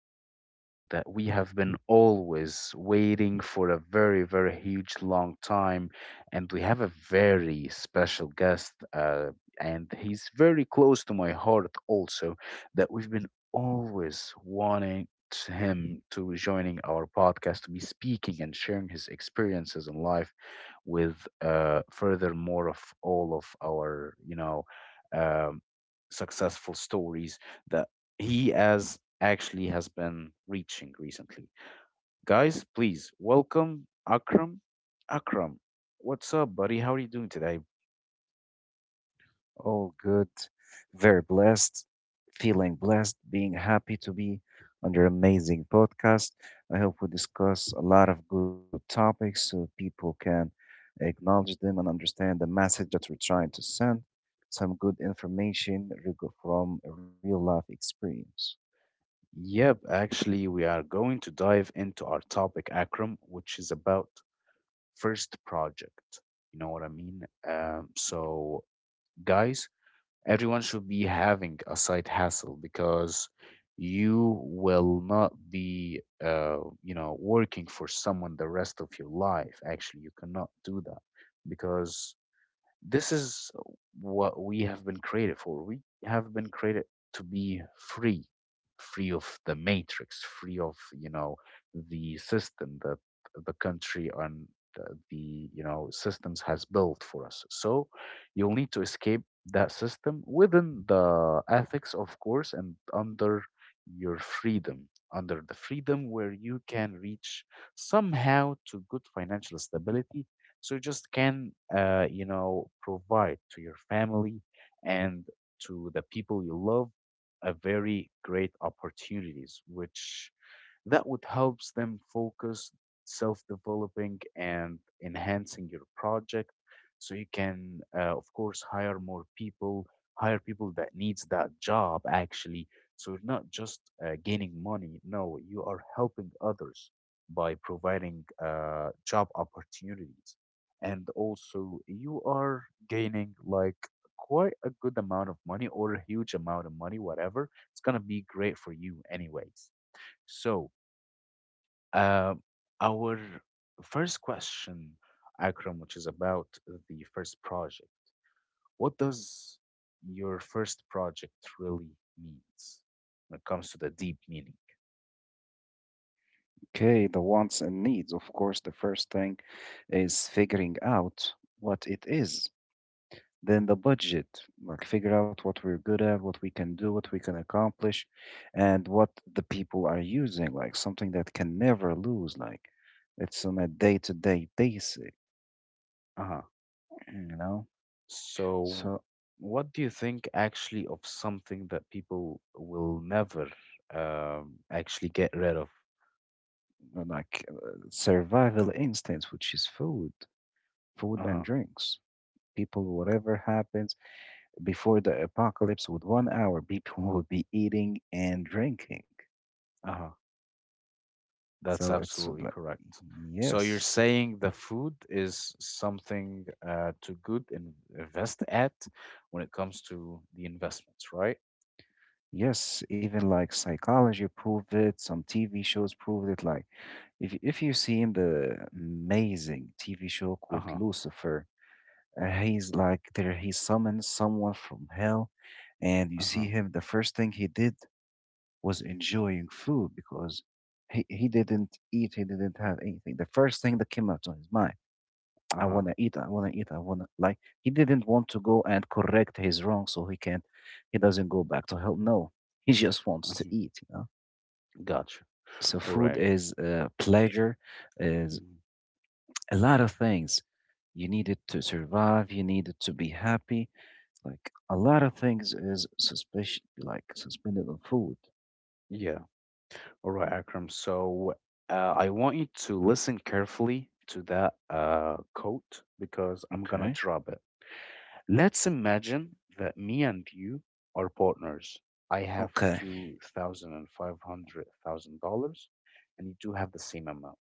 the one that we have been always waiting for a very, very huge long time. And we have a very special guest, and he's very close to my heart also, that we've been always wanting him to joining our podcast to be speaking and sharing his experiences in life with furthermore of all of our um successful stories that he has actually has been reaching recently. Guys, please welcome Akram. Akram, what's up, buddy? How are you doing today? All good, very blessed, feeling blessed, being happy to be on your amazing podcast. I hope we discuss a lot of good topics so people can acknowledge them and understand the message that we're trying to send. Some good information reg- from a real life experience. Yep, actually, we are going to dive into our topic, Akram, which is about first project. You know what I mean? Um, Mm-hmm. so, guys, everyone should be having a side hustle because you will not be working for someone the rest of your life, actually you cannot do that because this is what we have been created for. We have been created to be free, free of the matrix, free of, you know, the system that the country and the, the systems has built for us. So you'll need to escape that system within the ethics, of course, and under your freedom, under the freedom where you can reach somehow to good financial stability so you just can, provide to your family and to the people you love a very great opportunities, which that would helps them focus self-developing and enhancing your project so you can, of course, hire more people, hire people that needs that job actually, so you're not just gaining money. No, you are helping others by providing job opportunities, and also you are gaining like quite a good amount of money or a huge amount of money. Whatever it's going to be, great for you anyways. So uh, our first question, Akram, which is about the first project. What does your first project really means when it comes to the deep meaning? Okay, the wants and needs. Of course, the first thing is out what it is. Then the budget, like figure out what we're good at, what we can do, what we can accomplish, and what the people are using, like something that can never lose, like it's on a day-to-day basis, Uh-huh. you know? So, So, what do you think actually of something that people will never, actually, get rid of? Like survival instincts, which is food, food and Uh-huh. drinks. People, whatever happens, before the apocalypse with 1 hour people would be eating and drinking, Uh-huh. That's so it's absolutely like correct. So you're yes. saying the food is something to good invest at when it comes to the investments, right? Yes, even like psychology proved it, some tv shows proved it, like if you've seen the amazing tv show called Uh-huh. Lucifer. He's like there, he summons someone from hell and you see Uh-huh. him, the first thing he did was enjoying food because he didn't eat, he didn't have anything. The first thing that came out of his mind, Uh-huh. Uh I huh. want to eat. I want to eat. I want to like. He didn't want to go and correct his wrong, so he can't. He doesn't go back to hell. No, he just wants to Mhm. eat. You know. Gotcha. So All food right. is pleasure, is Mhm. a lot of things. You need it to survive. You need it to be happy. Like a lot of things is suspicion, like suspended on food. Yeah. All right, Akram. So I want you to listen carefully to that quote because I'm gonna Okay. drop it. Let's imagine that me and you are partners. I have Okay. two thousand and five hundred thousand dollars, and you do have the same amount,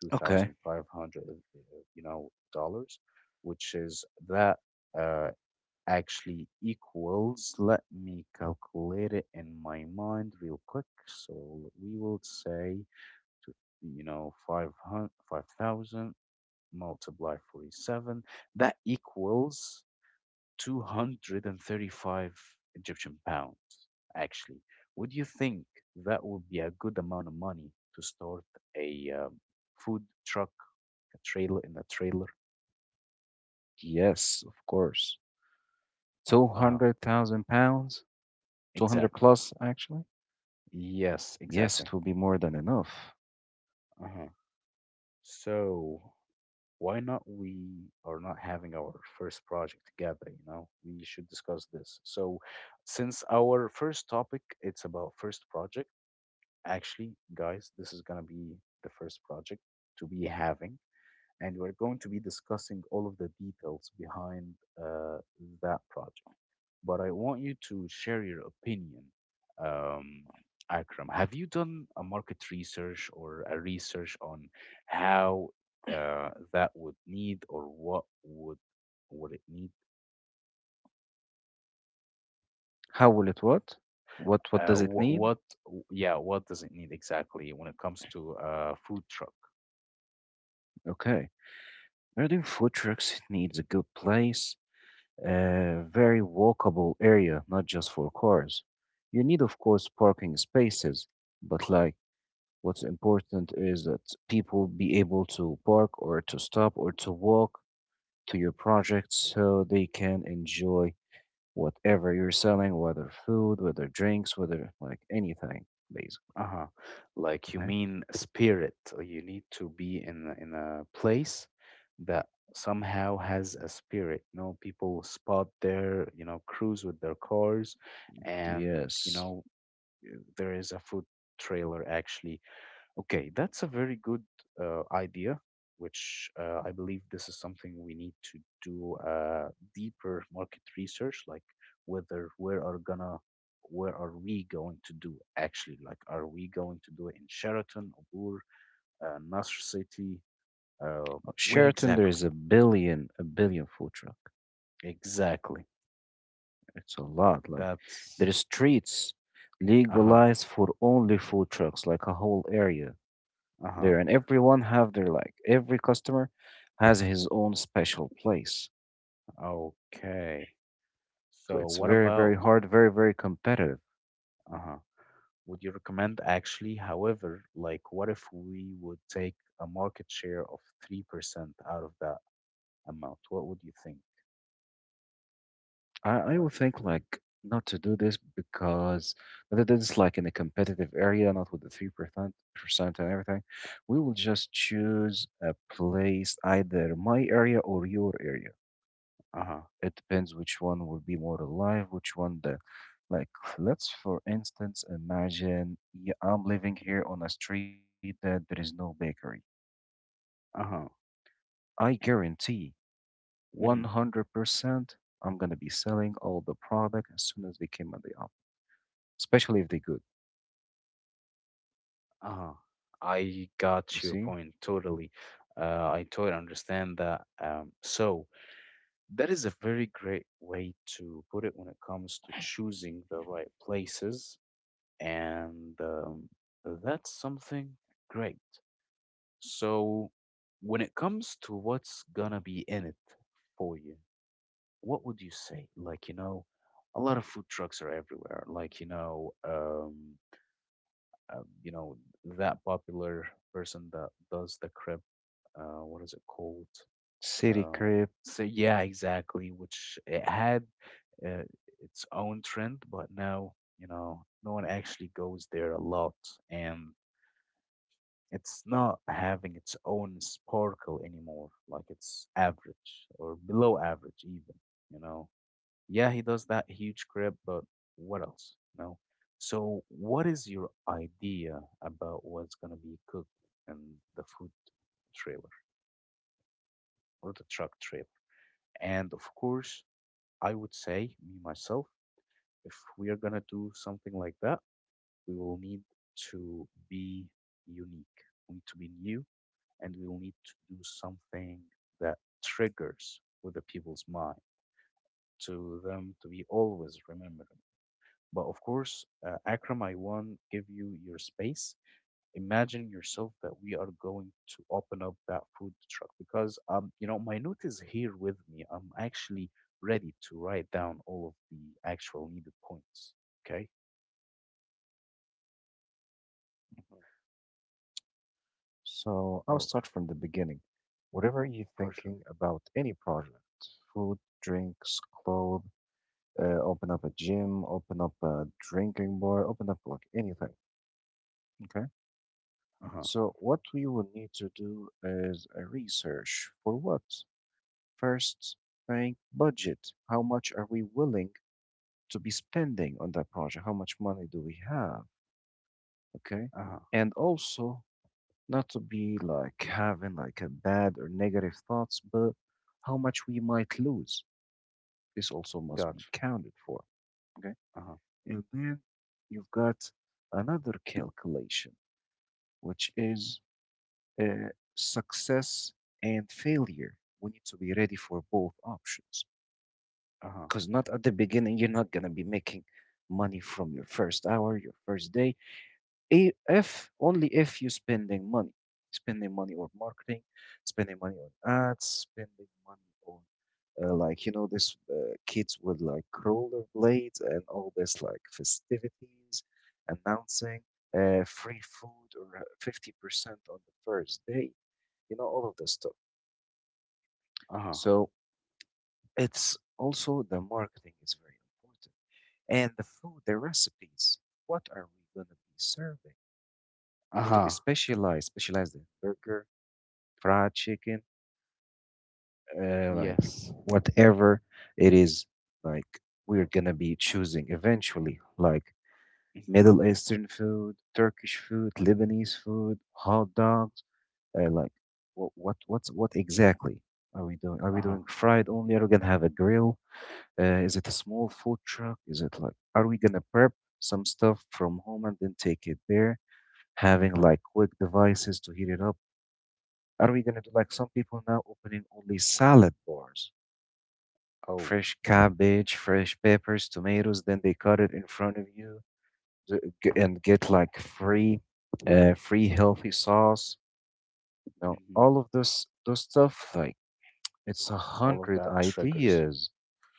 two thousand Okay. five hundred, dollars, which is that, uh, actually, equals. Let me calculate it in my mind real quick. So we will say to, 505,000 multiply 47. That equals 235 Egyptian pounds, actually. Would you think that would be a good amount of money to start a, food truck, a trailer, in a trailer? Yes, of course. Two Uh-huh. hundred thousand pounds. Two hundred Exactly. plus, actually. Yes, Yes, it will exactly. be more than enough. Uh-huh. So why not we are not having our first project together, you know? We should discuss this. So since our first topic it's about first project, actually, guys, this is gonna be the first project to be having, and we're going to be discussing all of the details behind uh, that project. But I want you to share your opinion, um, Akram. Have you done a market research or a research on how that would need, or what would it need? How will it what? What Uh, does it what, need? what, yeah, what does it need exactly when it comes to food truck? Okay. We're doing food trucks. It needs a good place, a very walkable area, not just for cars. You need, of course, parking spaces, but like what's important is that people be able to park or to stop or to walk to your project so they can enjoy whatever you're selling, whether food, whether drinks, whether like anything, basically. Uh-huh. Like you Okay. mean spirit. You need to be in in a place that somehow has a spirit. You know, people spot their, you know, cruise with their cars, and, you Yes. know, there is a food trailer actually. Okay, that's a very good idea, which, I believe this is something we need to do, deeper market research, like whether where are we going to do actually? Like, are we going to do it in Sheraton, Ubur, Nasr City? Uh, where Sheraton, there exactly? is a billion food truck. Exactly. It's a lot. Like there That's. is streets Uh huh, legalized for only food trucks, like a whole area uh huh. there, and everyone have their, like every customer has his own special place. Okay. So So it's what very, about? very hard, very, very competitive. Uh huh? Would you recommend actually? However, like, what if we would take a market share of 3% out of that amount? What would you think? I will Like, think like not to do this because not to do this like in a competitive area, not with the 3% percent and everything. We will just choose a place, either my area or your area. uh-huh. It depends which one will be more alive, which one the like. Let's for instance imagine, yeah, I'm living here on a street that there is no bakery. Uh-huh. I guarantee Mm-hmm. 100% I'm gonna be selling all the product as soon as they came on the app, especially if they're good. Uh-huh. I You got your see? point totally. I totally understand that. So that is a very great way to put it when it comes to choosing the right places, and that's something great. So, when it comes to what's gonna be in it for you, what would you say? Like, you know, a lot of food trucks are everywhere. Like, you know that popular person that does the crib, what is it called? City Uh, crib. so yeah, exactly. Which it had uh, its own trend, but now, no one actually goes there a lot, and it's not having its own sparkle anymore. Like it's average or below average, even. You know, yeah, he does that huge crib, but what else? You know. So, what is your idea about what's gonna be cooked in the food trailer or the truck trailer? And of course, I would say, me myself, if we are gonna do something like that, we will need to be unique. We need to be new, and we will need to do something that triggers with the people's mind to them to be always remembering. But of course, Akram, I want give you your space. Imagine yourself that we are going to open up that food truck because, my note is here with me. I'm actually ready to write down all of the actual needed points. Okay? So I'll start from the Oh, beginning. Whatever you're thinking for sure. about any project, food, drinks, clothes, open up a gym, open up a drinking bar, open up like anything. Okay. Uh huh. So what we will need to do is a research for what? First thing, budget. How much are we willing to be spending on that project? How much money do we have? Okay. Uh huh. And also, not to be like having like a bad or negative thoughts, but how much we might lose. This also must be Gotcha. counted for. Okay. Uh huh. And then you've got another calculation, which is uh, success and failure. We need to be ready for both options Uh huh. because not at the beginning, you're not going to be making money from your first hour, your first day. If only if you're spending money on marketing, spending money on ads, spending money on like you know this kids with like roller blades and all this like festivities, announcing free food or 50% on the first day, you know all of this stuff. Uh huh. So it's also the marketing is very important, and the food, the recipes. What are we gonna be serving? Uh You need to be huh. specialized, specialized in burger, fried chicken, like Yes. whatever it is. Like we're gonna be choosing eventually, like Middle Eastern food, Turkish food, Lebanese food, hot dogs. Like what's what exactly are we doing? Are Uh we huh. doing fried only? Are we gonna have a grill? Is it a small food truck? Is it like, are we gonna prep some stuff from home and then take it there? Having like quick devices to heat it up. Are we gonna do like some people now opening only salad bars, Oh, fresh yeah. cabbage, fresh peppers, tomatoes, then they cut it in front of you and get like free, free healthy sauce. Now Hmm. all of this, those stuff, like it's a All of hundred that triggers. ideas,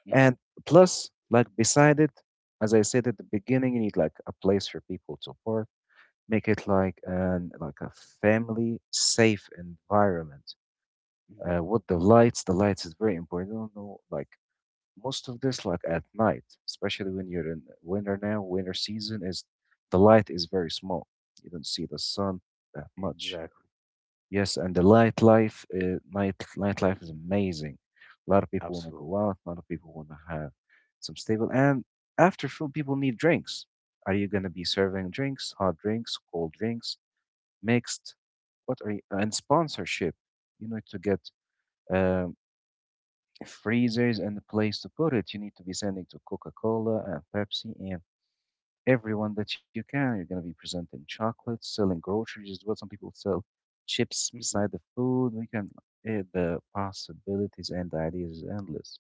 Hmm. and plus like beside it, as I said at the beginning, you need like a place for people to park. Make it like an like a family safe environment. Hmm. With the lights is very important. I don't know, like most of this, like at night, especially when you're in winter now, winter season is the light is very small. You don't see the sun that much. Exactly. Yes, and the light life, night nightlife is amazing. A lot of people want to Absolutely. go out. A lot of people want to have some stable. And after food, people need drinks. Are you gonna be serving drinks, hot drinks, cold drinks, mixed? What are you? And sponsorship. You need to get um, freezers and a place to put it. You need to be sending to Coca Cola and Pepsi and everyone that you can. You're going to be presenting chocolates, selling groceries, what some people sell chips Hmm. beside the food. We can, the possibilities and the ideas is endless.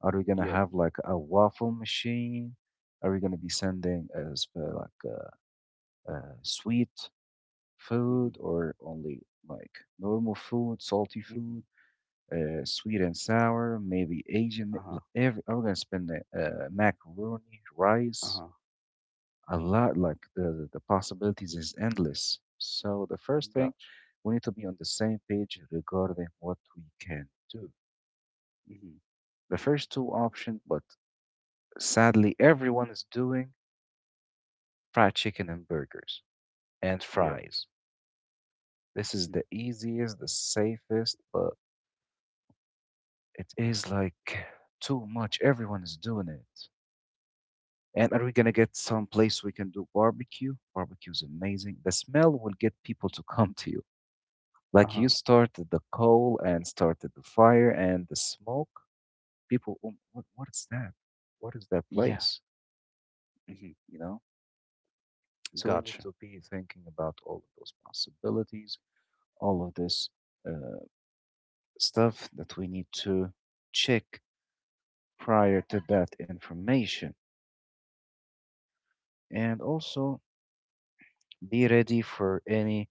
Are we going to Yep. have like a waffle machine? Are we going to be sending as like sweet food Hmm. or only like normal food, salty Hmm. food? Sweet and sour, maybe Asian. Uh-huh. Like every I'm gonna spend the macaroni, rice, Uh-huh. a lot. Like the possibilities is endless. So the first thing Gotcha. we need to be on the same page regarding what we can do. Hmm. The first two options, but sadly everyone is doing fried chicken and burgers and Yeah. fries. This is Hmm. the easiest, the safest, but it is like too much. Everyone is doing it. And are we gonna get some place we can do barbecue? Barbecue is amazing. The smell will get people to come to you. Like Uh-huh. you started the coal and started the fire and the smoke. People, what is that? What is that Yeah. place?" Hmm. You know. So we need Gotcha. to be thinking about all of those possibilities, all of this uh, stuff that we need to check prior to that information, and also be ready for any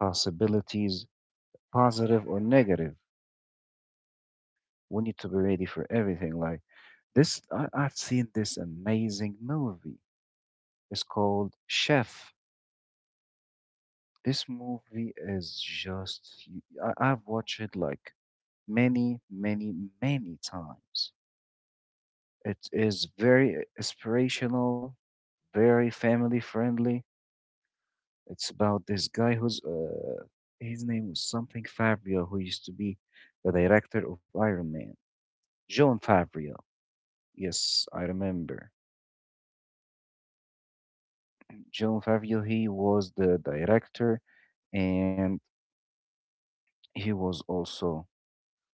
possibilities positive or negative. We need to be ready for everything. Like this, I've seen this amazing movie. It's called Chef. This movie is just, have watched it like many, many, many times. It is very inspirational, very family friendly. It's about this guy who's, his name was something Fabio, who used to be the director of Iron Man. John Fabio. Yes, I remember. John Favreau, he was the director and he was also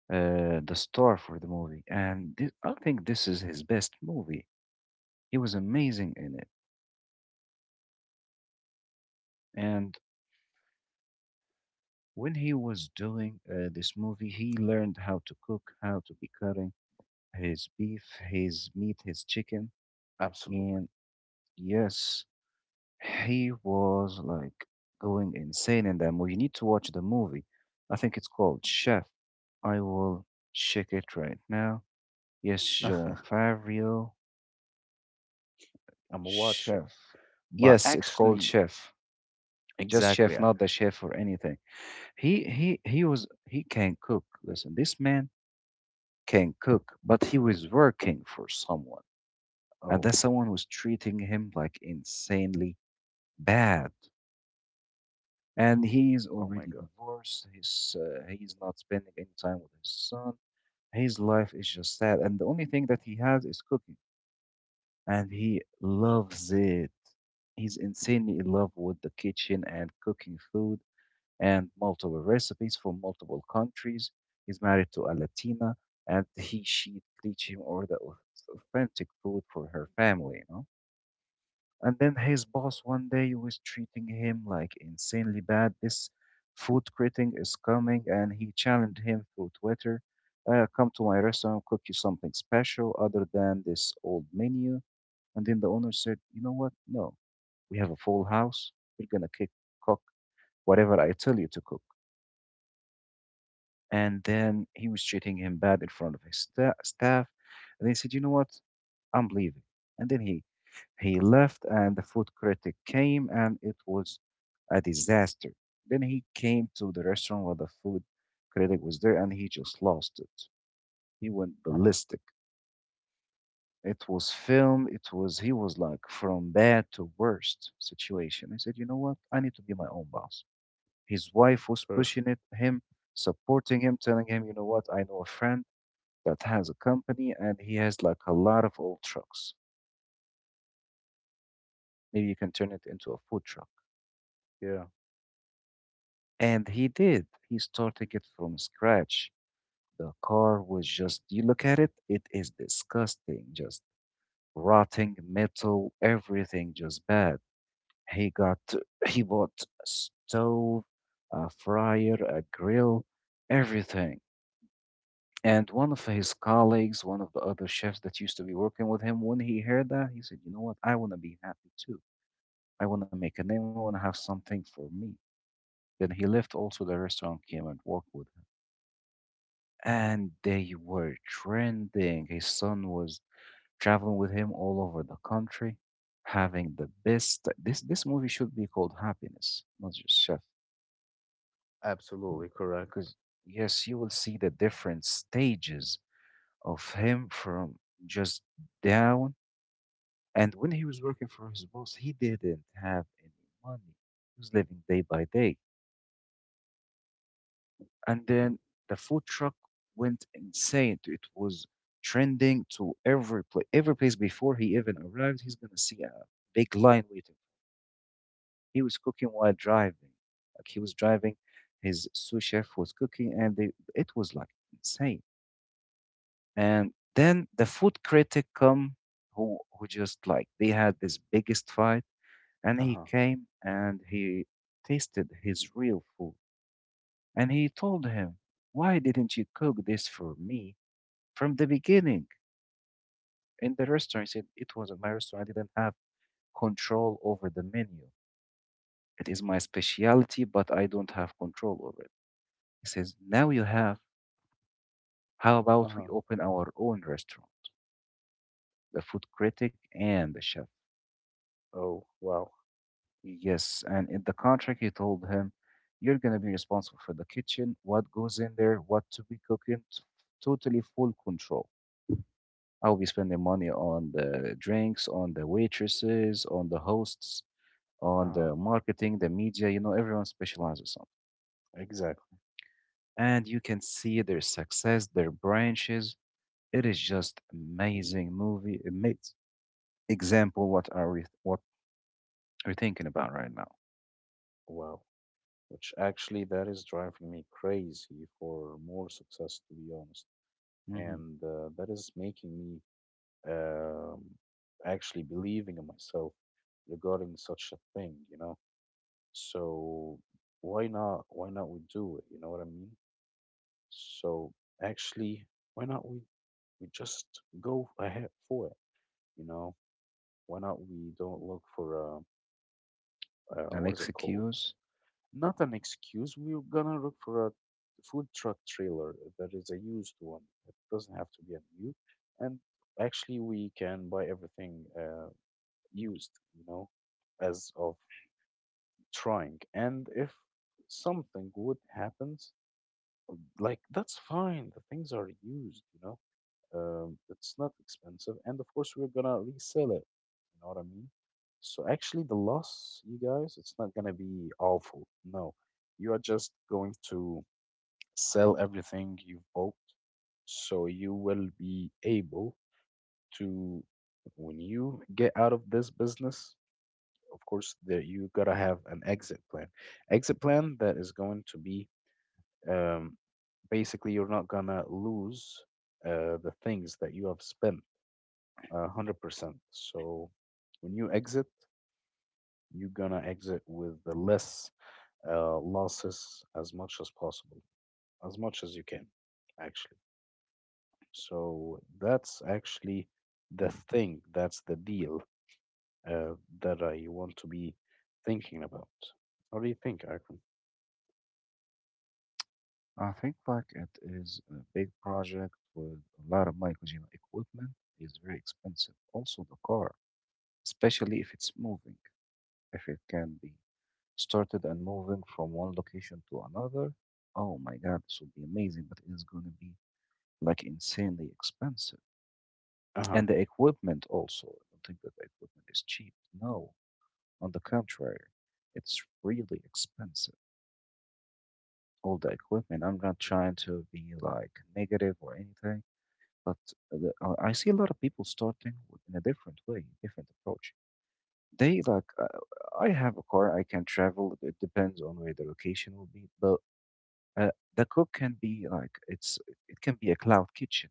the star for the movie. I think this is his best movie. He was amazing in it. And when he was doing this movie, he learned how to cook, how to be cutting his beef, his meat, his chicken. Absolutely. And yes, he was like going insane in that movie. You need to watch the movie. I think it's called Chef. I will check it right now. Yes, I'm Jean Favreau, a watcher. chef. But Yes, it's called actually, Chef. Just exactly. chef, not the chef or anything. He was he can cook. Listen, this man can cook, but he was working for someone, and Oh, that someone was treating him like insanely bad. And he is oh my already God. divorced. He's not spending any time with his son. His life is just sad, and the only thing that he has is cooking, and he loves it. He's insanely in love with the kitchen and cooking food and multiple recipes from multiple countries. He's married to a Latina, and he she teach him all the authentic food for her family. You know? And then his boss one day was treating him like insanely bad. This food critic is coming, and he challenged him through Twitter. Come to my restaurant, cook you something special other than this old menu, and then the owner said, "You know what? No, we have a full house. You're going to cook whatever I tell you to cook." And then he was treating him bad in front of his staff. And they said, "You know what? I'm leaving." And then he left, and the food critic came, and it was a disaster. Then he came to the restaurant where the food critic was there, and he just lost it. He went Uh-huh. ballistic. It was film. It was he was like from bad to worst situation. I said, "You know what? I need to be my own boss." His wife was Perf- pushing it him, supporting him, telling him, "You know what? I know a friend that has a company and he has like a lot of old trucks. Maybe you can turn it into a food truck." Yeah. And he did. He started it from scratch. The car was just, you look at it, it is disgusting, just rotting metal, everything just bad. He got he bought a stove, a fryer, a grill, everything. And one of his colleagues, one of the other chefs that used to be working with him, when he heard that, he said, "You know what? I want to be happy too. I want to make a name. I want to have something for me." Then he left. Also, the restaurant came and worked with him, and they were trending. His son was traveling with him all over the country having the best. This movie should be called Happiness, not just Chef. Absolutely correct. Because, yes, you will see the different stages of him from just down. And when he was working for his boss, he didn't have any money. He was living day by day. And then the food truck went insane. It was trending to every place. Every place before he even arrived, he's going to see a big line waiting. He was cooking while driving. Like he was driving, his sous chef was cooking, and they, it was like insane. And then the food critic come who just like they had this biggest fight and he Uh-huh. came and he tasted his real food and he told him, "Why didn't you cook this for me from the beginning?" In the restaurant, he said, "It wasn't my restaurant. I didn't have control over the menu. It is my specialty, but I don't have control over it." He says, "Now you have. How about we Uh-huh. open our own restaurant?" The food critic and the chef. Oh, wow. Yes, and in the contract, he told him, "You're going to be responsible for the kitchen, what goes in there, what to be cooking, totally full control. I'll be spending money on the drinks, on the waitresses, on the hosts, on Uh-huh. the marketing, the media. You know, everyone specializes something." Exactly. And you can see their success, their branches. It is just amazing movie. Amazing example what are we what we're thinking about right now. Wow. Which actually that is driving me crazy for more success, to be honest, Hmm. and that is making me, um, actually, believing in myself regarding such a thing, you know. So why not we do it, you know what I mean? So actually, why not we just go ahead for it? you know why not we don't look for An what is it called? excuse. Not an excuse. We're gonna look for a food truck trailer that is a used one. It doesn't have to be a new. And actually, we can buy everything used, as of trying. And if something would happens, like that's fine. The things are used, It's not expensive, and of course we're gonna resell it. You know what I mean? So actually, the loss, you guys, it's not gonna be awful. No, you are just going to sell everything you've bought, so you will be able to, when you get out of this business, of course, there you gotta have an exit plan. Exit plan that is going to be, um, basically, you're not gonna lose the things that you have spent 100%. So when you exit, you're gonna exit with the less losses as much as possible, as much as you can, actually. So that's actually the thing, that's the deal uh, that I want to be thinking about. What do you think, Akram? I think like it is a big project with a lot of miles, you know, equipment is very expensive. Also the car, especially if it's moving, if it can be started and moving from one location to another. Oh my God, this would be amazing, but it is going to be like insanely expensive. Uh-huh. And the equipment also, I don't think that the equipment is cheap. No, on the contrary, it's really expensive. All the equipment, I'm not trying to be like negative or anything. But I see a lot of people starting with, in a different way, different approach. They like, I have a car, I can travel. It depends on where the location will be. But uh, the cook can be like, it's it can be a cloud kitchen.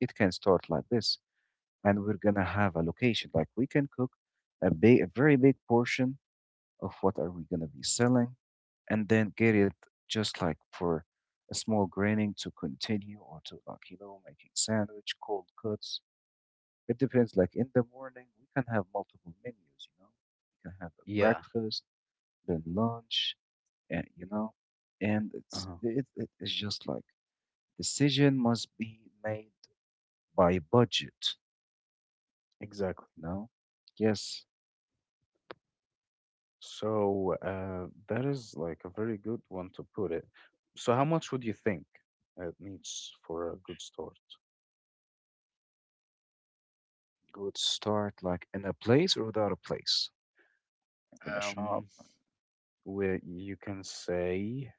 It can start like this, and we're gonna have a location. Like we can cook a big, a very big portion of what are we gonna be selling, and then get it just like for a small graining to continue or to like you know making sandwich, cold cuts it depends. Like in the morning, we can have multiple menus, you know. We can have a Yeah. breakfast, then lunch, and you know, and it's Uh-huh. it's just like decision must be made by budget, Exactly. you know. Yes, So that is like a very good one to put it. So how much would you think it needs for a good store? good start like in a place or without a place, like in a um, shop. where you can say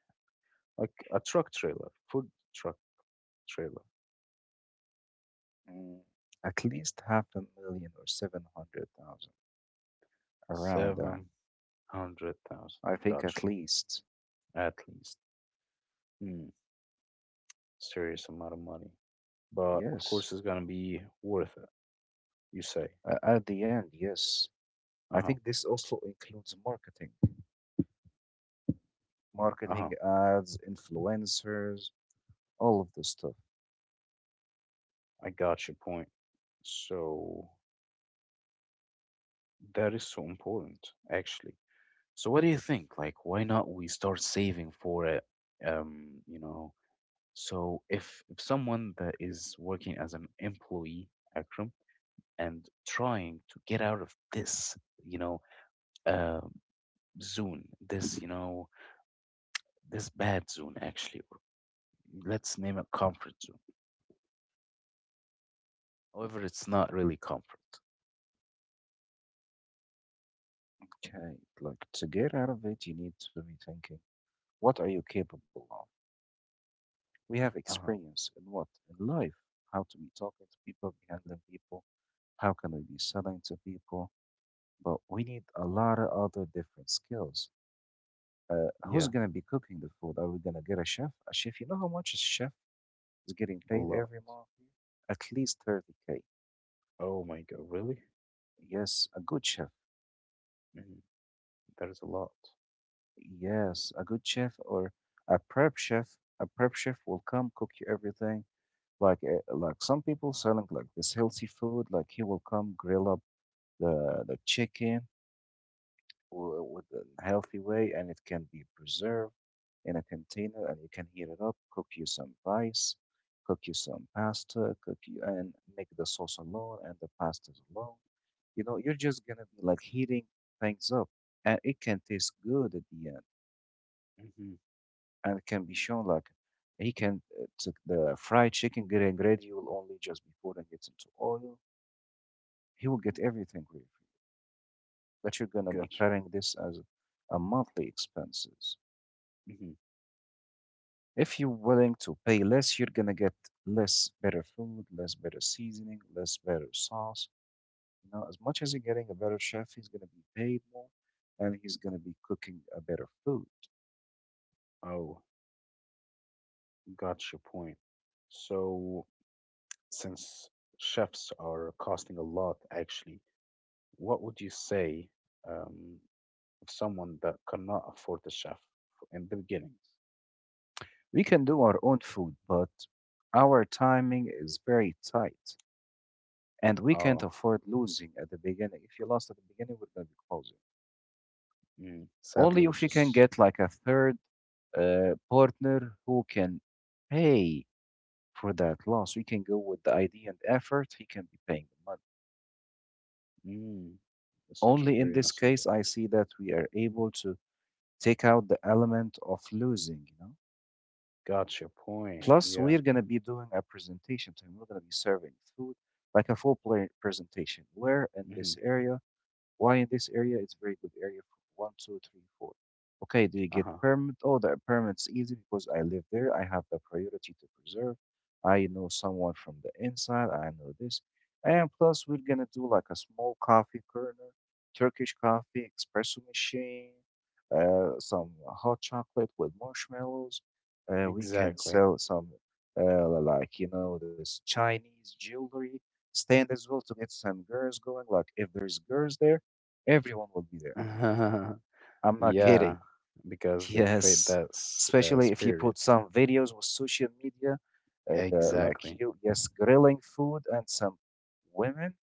like a truck trailer, food truck trailer, Mm, at least half a million or seven hundred thousand, around that. 700,000. I think Gotcha, at least, at least. Hmm, serious amount of money, but of yes. course it's gonna be worth it. You say, At the end, yes. uh I huh, think this also includes marketing, uh huh. marketing, ads, influencers, all of this stuff. I got your point. So that is so important, actually. So what do you think? Like, why not we start saving for it? Um, you know. So if someone that is working as an employee, Akram, and trying to get out of this, you know, uh, zone, this, you know, this bad zone, actually, or let's name it comfort zone. However, Mhm. it's not really comfort. Okay, like to get out of it, you need to be thinking, what are you capable of? We have Uh-huh. experience in what? In life, how to be talking to people, be handling people, how can we be selling to people? But we need a lot of other different skills. Who's Yeah, gonna be cooking the food? Are we gonna get a chef? A chef, you know how much a chef is getting a paid lot. every month? At least 30k. Oh my God, really? Yes, a good chef. Mhm. That is a lot. Yes, a good chef or a prep chef will come cook you everything. Like some people selling like this healthy food, like he will come grill up the chicken with a healthy way, and it can be preserved in a container, and you can heat it up, cook you some rice, cook you some pasta, cook you and make the sauce alone and the pastas alone. You know, you're just gonna be like heating things up, and it can taste good at the end. Hmm. And can be shown like he can took the fried chicken getting ready will only just before poured and gets into oil. He will get everything ready for you. But you're gonna be Gotcha. carrying this as a monthly expenses. Hmm. If you're willing to pay less, you're gonna get less better food, less better seasoning, less better sauce. You know, as much as you're getting a better chef, he's gonna be paid more and he's gonna be cooking a better food. Oh. Got your point. So, since chefs are costing a lot, actually, what would you say um, of someone that cannot afford a chef in the beginning? We can do our own food, but our timing is very tight. And we can't Oh, afford losing at the beginning. If you lost at the beginning, we're gonna be closing. Only sadly, if you which can is get like a third partner who can pay for that loss. We can go with the idea and effort. He can be paying the money. mm, such a Only in very this nice case, idea. I see that we are able to take out the element of losing. You know. Got your point. Plus, Yeah. we're gonna be doing a presentation to him. We're gonna be serving food like a full play presentation. Where in this Hmm. area. Why in this area? It's very good area for one, two, three, four. Okay, do you get Uh-huh. permit? Oh, the permit's easy because I live there. I have the priority to preserve. I know someone from the inside. I know this. And plus, we're gonna do like a small coffee corner, Turkish coffee, espresso machine, some hot chocolate with marshmallows. We can Exactly. sell some, like, you know, this Chinese jewelry stand as well to get some girls going. Like, if there's girls there, everyone will be there. I'm not kidding. Yeah, because they create Yes, that s especially if you spirit. put some videos with social media, like Exactly. you, yes, grilling food and some women,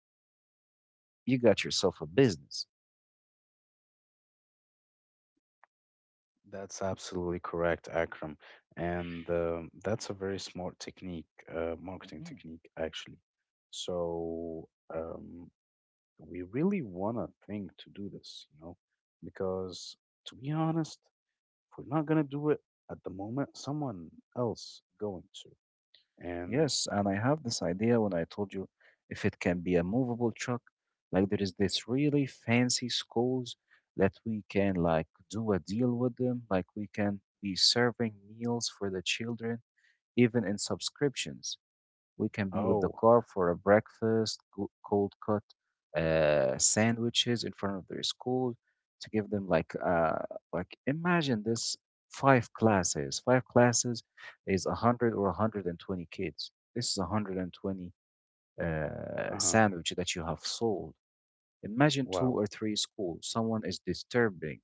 you got yourself a business. That's absolutely correct, Akram. And that's a very smart technique, marketing Hmm. technique, actually. So um, we really want to think to do this, you know, because to be honest, if we're not going to do it at the moment, someone else going to. And. Yes, and I have this idea when I told you if it can be a movable truck, like there is this really fancy schools that we can like do a deal with them, like we can be serving meals for the children, even in subscriptions. We can be with the Oh. car for a breakfast, cold cut sandwiches in front of their school to give them like imagine this five classes. Five classes is a hundred or 120 kids. This is 120 Uh-huh. sandwich that you have sold. Imagine two Wow. or three schools. Someone is disturbing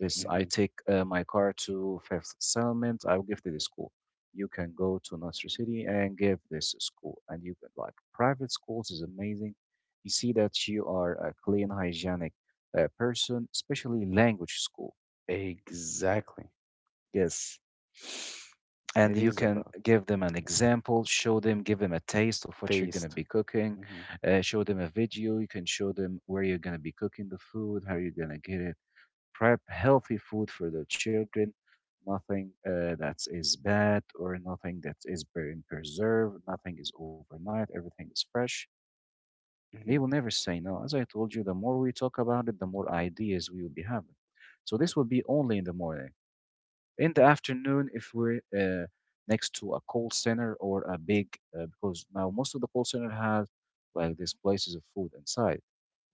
this, I Hmm. take my car to Fifth Settlement. I'll give to the school. You can go to Nasr City and give this a school. And you can like private schools is amazing. You see that you are a clean, hygienic person, especially language school. Exactly. Yes. And It you is can about give them an example, show them, give them a taste of what you're going to taste. be cooking, Hmm. Show them a video. You can show them where you're going to be cooking the food, how you're going to get it prep healthy food for the children, nothing that is bad or nothing that is preserved, nothing is overnight, everything is fresh. They will Hmm. never say no. As I told you, the more we talk about it, the more ideas we will be having. So this will be only in the morning. In the afternoon, if we're next to a call center or a big, because now most of the call center has like these places of food inside.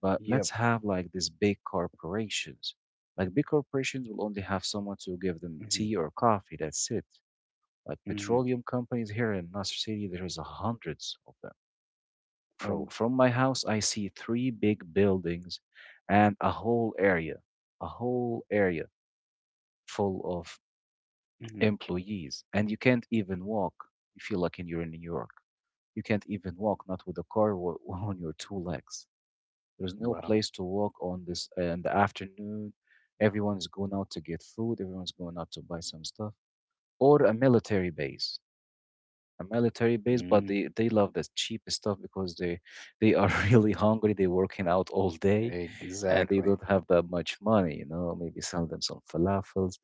But Yep. let's have like these big corporations. Like big corporations will only have someone to give them Hmm. tea or coffee. That's it. Like Hmm. petroleum companies here in Nasr City, there is hundreds of them. From Oh. from my house, I see 3 big buildings and a whole area full of Hmm. employees. And you can't even walk. You feel like in you're in New York. You can't even walk, not with a car wa- on your two legs. There's no Wow. place to walk on this in the afternoon. Everyone's going out to get food. Everyone's going out to buy some stuff. Or a military base, but Mm, they love the cheapest stuff because they are really hungry. They're working out all day and they exactly. don't have that much money. You know, maybe sell them some falafels,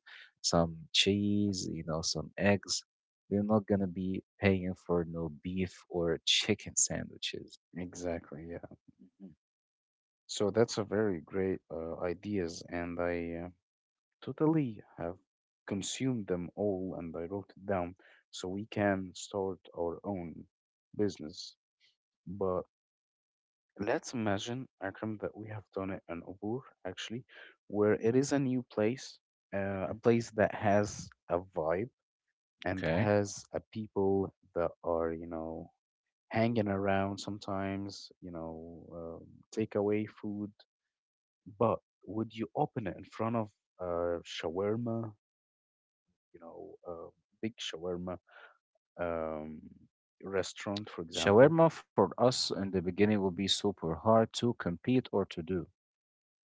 some cheese, you know, some eggs. They're not gonna be paying for no beef or chicken sandwiches. Exactly. Yeah. Hmm So that's a very great ideas, and I totally have consumed them all, and I wrote it down so we can start our own business. But let's imagine, Akram, that we have done it in Ubur actually, where it is a new place, a hmm place that has a vibe and Okay. has a people that are. Hanging around sometimes, takeaway food. But would you open it in front of shawarma, you know, uh, big shawarma um, restaurant, for example? Shawarma for us in the beginning will be super hard to compete or to do.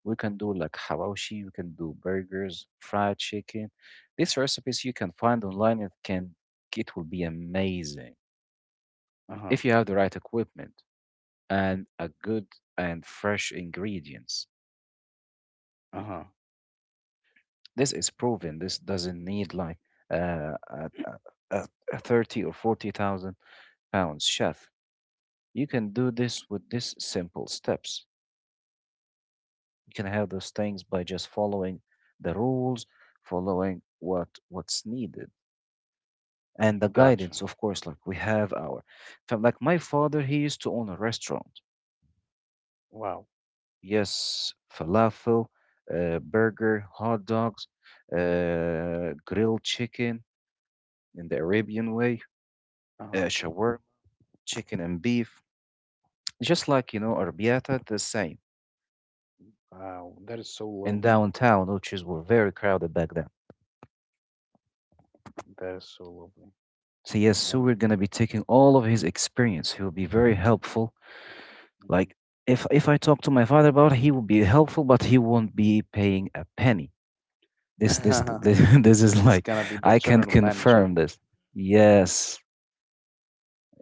We can do like hawashi, we can do burgers, fried chicken. These recipes you can find online and can it will be amazing Uh huh. if you have the right equipment and a good and fresh ingredients. Uh huh. This is proven. This doesn't need like uh, a, a, a a 30 or 40,000 pounds chef. You can do this with these simple steps. You can have those things by just following the rules, following what's needed and the Gotcha. guidance, of course, like we have our like my father, he used to own a restaurant, Wow. yes, falafel, burger, hot dogs, grilled chicken in the arabian way, Uh huh. shawarma, chicken and beef, just like, you know, arbiata, the same, Wow. That is so in lovely. downtown, which is were very crowded back then. That is so lovely. So yes, so And. we're gonna be taking all of his experience. He will be very helpful. Like, if I talk to my father about it, he will be helpful, but he won't be paying a penny. Mhm. This is It's like gonna be the I can general manager. confirm this. Yes.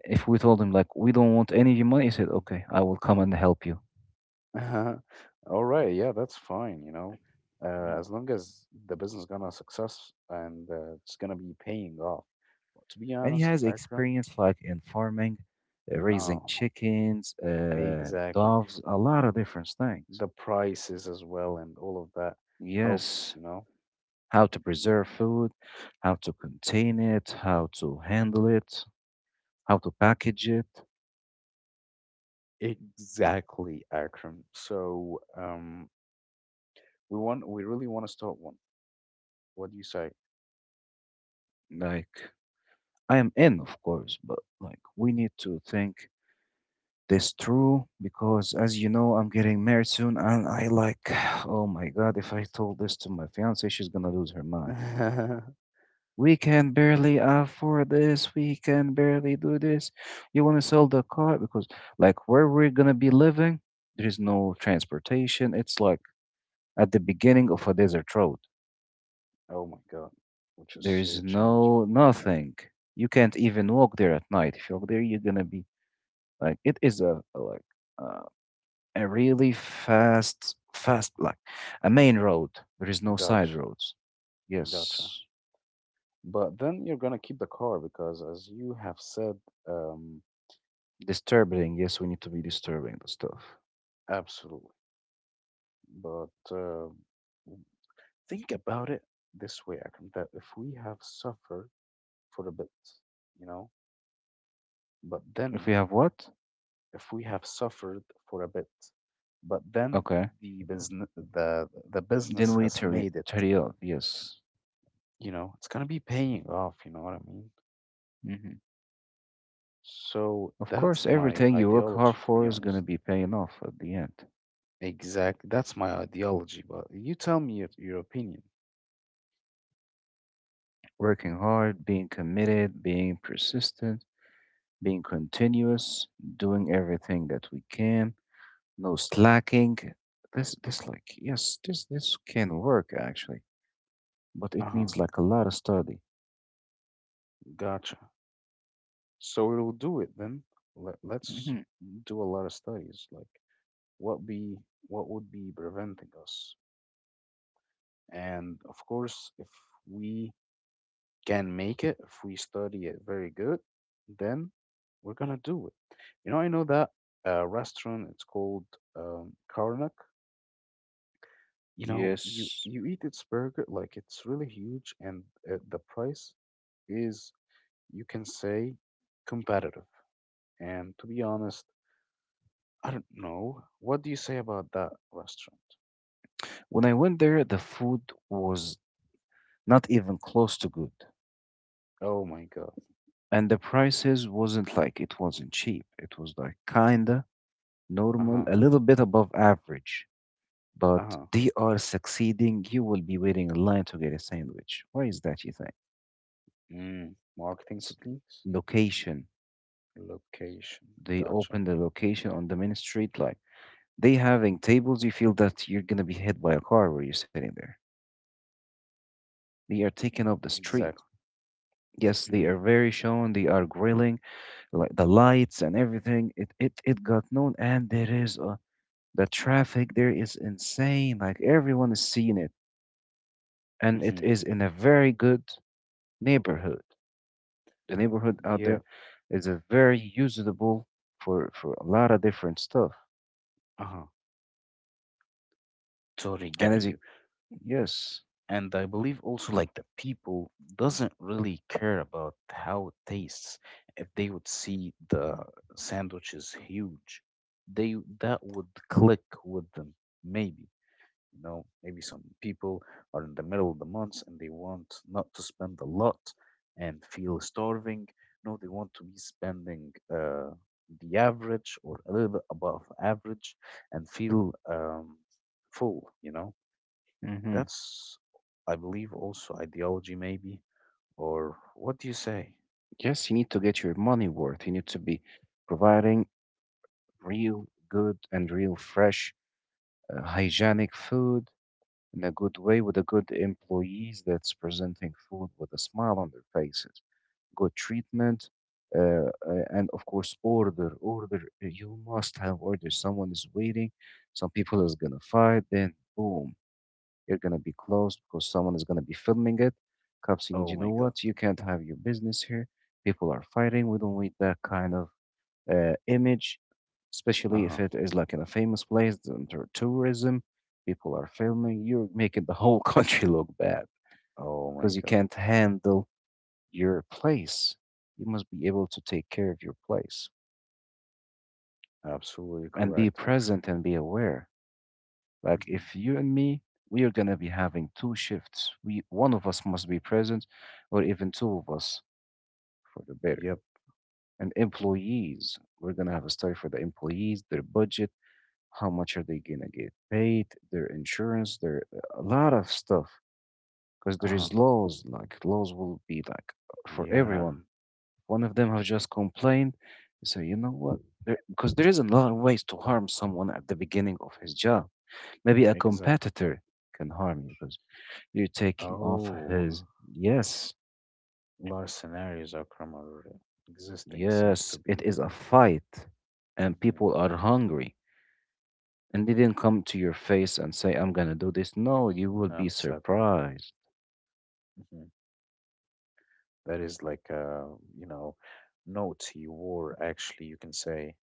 If we told him like we don't want any of your money, he said, Mm-hmm. "Okay, I will come and help you." All right, yeah, that's fine. Mhm. As long as the business gonna success and it's gonna be paying off. But to be And he honest, has Akram, experience like in farming, raising oh, chickens, exactly. doves, a lot of different things. The prices as well and all of that helps, Yes. you know. How to preserve food, how to contain it, how to handle it, how to package it. Exactly, Akram. So, we really want to start one. What do you say? Like, I am in, of course, but like, we need to think this through because, as you know, I'm getting married soon, and I like, oh my God, if I told this to my fiance, she's gonna lose her mind. We can barely afford this. We can barely do this. You want to sell the car because, like, where we're gonna be living, there is no transportation. It's like at the beginning of a desert road. Oh my God, which is There is so challenging. no nothing. You can't even walk there at night. If you walk there, you're gonna be like it is a like uh, a really fast, fast like a main road. There is no side Gotcha, roads. gotcha. Yes, But then you're gonna keep the car because, as you have said, um, disturbing. Yes, we need to be disturbing the stuff. absolutely. But think about it this way, Akram, that if we have suffered for a bit, you know, but If we then have what? if we have suffered for a bit, but then Okay, the business the the then business we has made it, tear it up. Yes. you know, it's gonna be paying off. You know what I mean? hmm So Of course, that's my everything you work hard ideology, to for be is honest. gonna be paying off at the end, Exactly, that's my ideology. But you tell me your opinion. working hard, being committed, being persistent, being continuous, doing everything that we can, no slacking. This like, yes, this can work actually, but it Uh-huh. needs like a lot of study. Gotcha. So we'll do it then. Let's Hmm do a lot of studies, like what be what would be preventing us. And of course, if we can make it, if we study it very good, then we're gonna do it. You know, I know that restaurant. It's called Karnak. You know, you Yes. you eat its burger like it's really huge, and the price is you can say competitive. And to be honest, I don't know. What do you say about that restaurant? When I went there, the food was not even close to good, Oh my God. and the prices wasn't like it wasn't cheap. It was like kinda Uh normal, huh. a little bit above average. Uh But huh. they are succeeding. You will be waiting in line to get a sandwich. Why is that, you think? Mm. Marketing It's techniques? location. Location. They Gotcha. open the location on the main street. Like, they having tables, you feel that you're gonna be hit by a car where you're sitting there. They are taking up the street. Exactly. Yes, they Mm-hmm. are very shown. They are grilling like the lights and everything. It got known, and there is the traffic there is insane. Like everyone is seeing it, and it Mm-hmm. is in a very good neighborhood. The neighborhood out Yeah. there is a very usable for a lot of different stuff. Uh huh. Totally And get as you you. yes. And I believe also like the people doesn't really care about how it tastes. If they would see the sandwiches huge, they that would click with them. Maybe. You know, maybe some people are in the middle of the month and they want not to spend a lot and feel starving. No, they want to be spending the average or a little bit above average and feel full. You know, hmm that's, I believe, also ideology, maybe. Or what do you say? Yes, you need to get your money worth. You need to be providing real good and real fresh, hygienic food in a good way with a good employees that's presenting food with a smile on their faces, good treatment, uh, uh, and of course, order, order. You must have order. Someone is waiting. Some people is gonna fight. Then boom, you're going to be closed because someone is going to be filming it. Cops, you need, Oh you my know God. what? You can't have your business here. People are fighting. We don't need that kind of image, Uh especially huh. if it is like in a famous place, under tourism. People are filming. You're making the whole country look bad Oh my because you God. can't handle your place. You must be able to take care of your place Absolutely and be correct, Akram. present and be aware. Like Hmm. if you and me, we are gonna be having 2 shifts. We one of us must be present, or even two of us for the better. Yep. And employees, we're gonna have a study for the employees, their budget, how much are they gonna get paid, their insurance, their a lot of stuff. Because Uh there huh. is laws, like laws will be like for Yeah, everyone. One of them have just complained. You say, you know what? There, because there is a lot of ways to harm someone at the beginning of his job. Maybe a exactly. competitor can harm you because. You're taking off Oh, his. Yes, large scenarios are common. Existing seems to yes, it be, is a fight. And hmm people are hungry. And they didn't come to your face and say, "I'm going to do this." No, you will be sadly, surprised. hmm that is like you know, naughty war. Actually, you can say,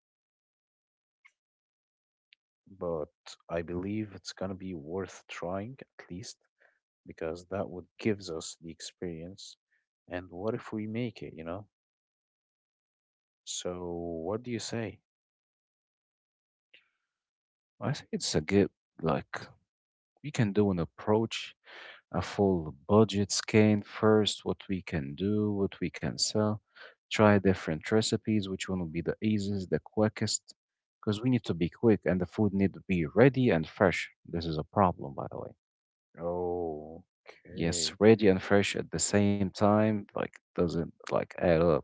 but I believe it's gonna be worth trying at least because that would gives us the experience. And what if we make it? You know. So what do you say? I think it's a good, like, we can do an approach, a full budget scan first, what we can do, what we can sell. Try different recipes, which one will be the easiest, the quickest. Because we need to be quick and the food need to be ready and fresh. This is a problem, by the way. Yes, Okay. ready and fresh at the same time, like doesn't like add up.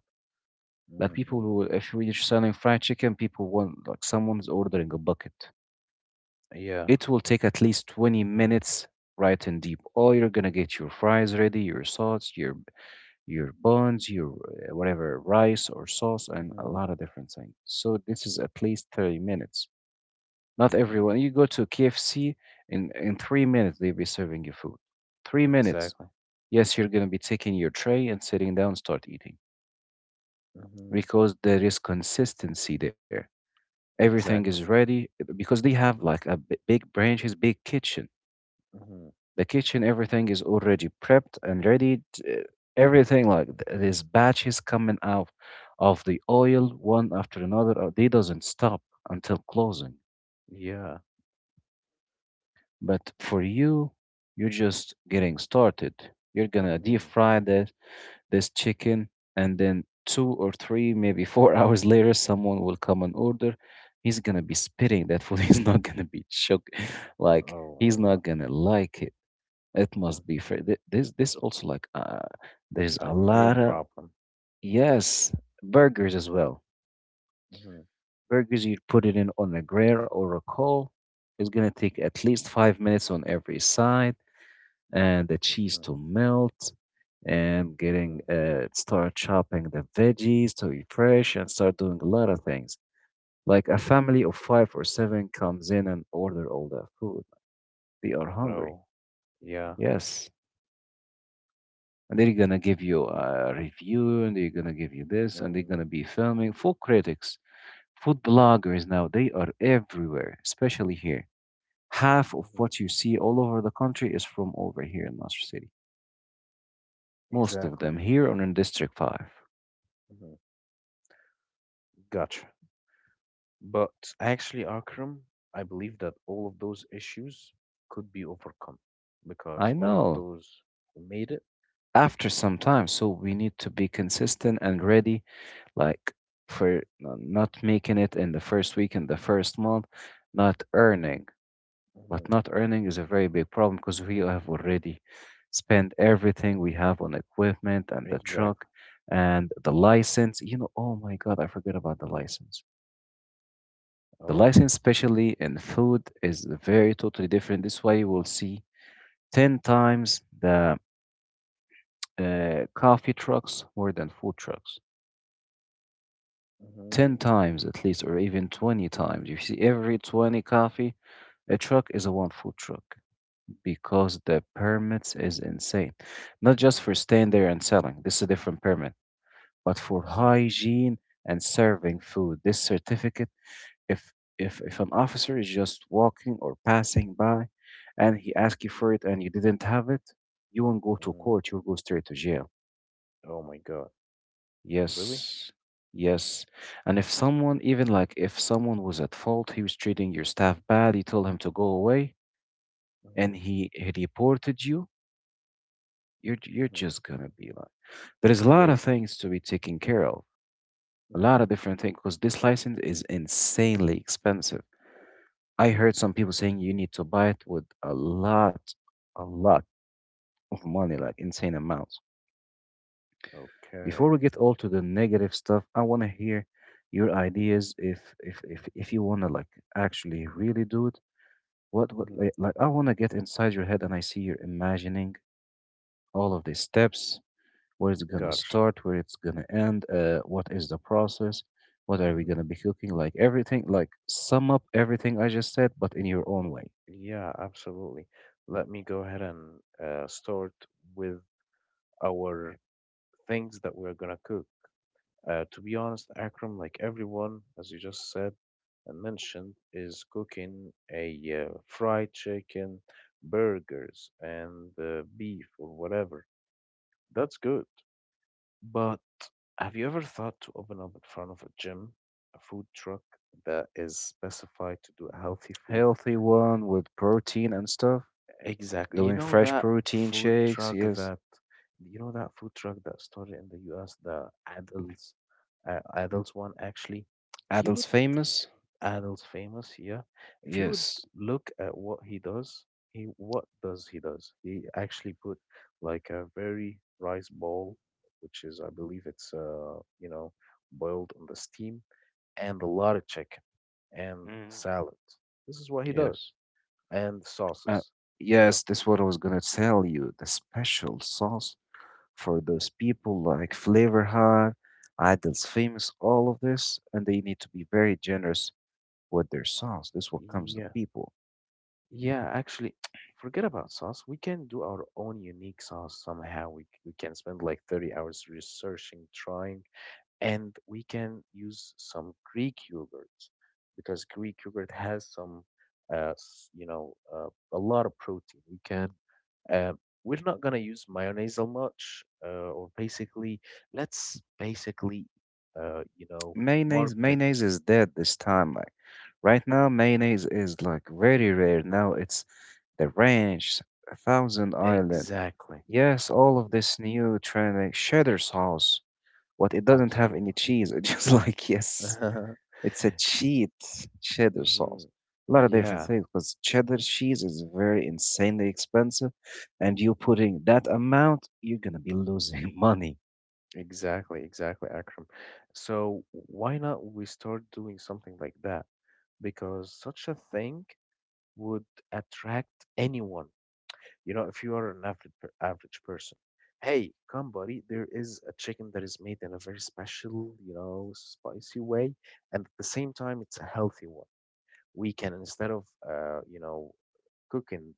Like people Hmm. who, if we're selling fried chicken, people want like someone's ordering a bucket. Yeah. It will take at least 20 minutes right in deep. All you're gonna get your fries ready, your sauce, your buns, your whatever rice or sauce, and a Hmm. lot of different things. So this is at least 30 minutes. Not Mm. everyone. You go to KFC in 3 minutes they'll be serving you food. 3 minutes. Exactly. Yes, you're going to be taking your tray and sitting down, start eating Hmm. because there is consistency there. Everything is Exactly. ready because they have like a big branches, big kitchen. Mhm. The kitchen, everything is already prepped and ready. Everything like there's batches coming out of the oil one after another. They doesn't stop until closing. Yeah. But for you, you're just getting started. You're gonna deep Mhm. fry this chicken and then two or three maybe four hours later someone will come and order. He's gonna be spitting that food. He's not gonna be shook. Like, Oh he's my not God. gonna like it. It Mhm. must be this also like there's A a real lot of problem. yes burgers as well. Mhm. Burgers, you put it in on a grill or a coal, it's gonna take at least 5 minutes on every side and the cheese Mhm. to melt and getting Mhm. Start chopping the veggies to be fresh and start doing a lot of things. Like a family of five or seven comes in and order all the food. They are hungry. Oh, yeah. Yes. And they're gonna give you a review and they're gonna give you this and they're Mhm. gonna be filming. Food critics, food bloggers now, they are everywhere, especially here. Half of Mhm. what you see all over the country is from over here in Nasr City. Most of Exactly. them here are in District 5. Mhm. Gotcha. But actually, Akram, I believe that all of those issues could be overcome because I all of know those who made it, after some time. So we need to be consistent and ready, like for not making it in the first week, in the first month, not earning. But Mhm. not earning is a very big problem because we have already spent everything we have on equipment and the Exactly. truck and the license. You know, oh my God, I forgot about the license. The Oh. license, especially in food, is very totally different. This way, you will see 10 times the coffee trucks more than food trucks, 10 Mhm. times at least, or even 20 times. You see, every 20 coffee, a truck is a one food truck because the permits is insane. Not just for staying there and selling, this is a different permit, but for Mm. hygiene and serving food. This certificate, if if an officer is just walking or passing by and he asks you for it and you didn't have it, you won't go to Mm. court, you'll go straight to jail. Oh my God. Really? Yes. Yes. And if someone, even like if someone was at fault, he was treating your staff bad, you told him to go away, Mhm. and he reported you, you're Mhm. just gonna be like, there's a lot of Wasted. things to be taken care of, a Mhm. lot of different things, because this license is insanely expensive. I heard some people saying you need to buy it with a lot of money, like insane amounts. Okay. Before we get all to the negative stuff, I want to hear your ideas. If you want to like actually really do it, what would Mhm. Like I want to get inside your head and I see you're imagining all of these steps, where it's gonna Gotcha. start, where it's gonna end, what is the process, what are we Hmm. gonna be cooking, like everything, like sum up everything I just said, but in your own way. Yeah, absolutely. Let me go ahead and start with our things that we're gonna cook. To be honest, Akram, like everyone, as you just said and mentioned, is cooking a fried chicken, burgers, and beef or whatever. That's good. But have you ever thought to open up in front of a gym, a food truck that is specified to do healthy food? Healthy one with protein and stuff, Exactly. You doing know fresh that protein food shakes. truck Yes, that you know that food truck that started in the US, the adults adults one actually. If you adults would famous. adults famous, yeah. If you would Yes. look at what he does, he what does? He actually put like a very rice ball, which is I believe it's boiled on the steam, and a lot of chicken and Mhm. salad. This is what he Yes. does, and Uh, sauces. You know. yes, that's what I was gonna tell you. The special sauce for those people like Flavor Hive, Idol's Famous, all of this, and they need to be very generous with their sauce. This what comes to Yeah, people. yeah, actually, forget about sauce. We can do our own unique sauce somehow. We can spend like 30 hours researching, trying, and we can use some Greek yogurt because Greek yogurt has some, a lot of protein. We can, uh, we're not gonna use mayonnaise that much, or basically, let's basically, uh, you know, Mayonnaise, market. mayonnaise is dead this time. Like right Mhm. now, mayonnaise is like very rare. Now it's the ranch, Thousand Island. Exactly. Yes, all of Mhm. this new trend, like cheddar sauce. What it doesn't have any Absolutely. cheese. It's just like yes, it's a cheat cheddar sauce. Mhm. A lot of different Yeah, things because cheddar cheese is very insanely expensive, and you putting that amount, you're gonna be losing money. exactly, exactly, Akram. So why not we start doing something like that? Because such a thing would attract anyone. You know, if you are an average per average person, hey, come, buddy, there is a chicken that is made in a very special, spicy way, and at the same time, it's a healthy one. We can, instead of, cooking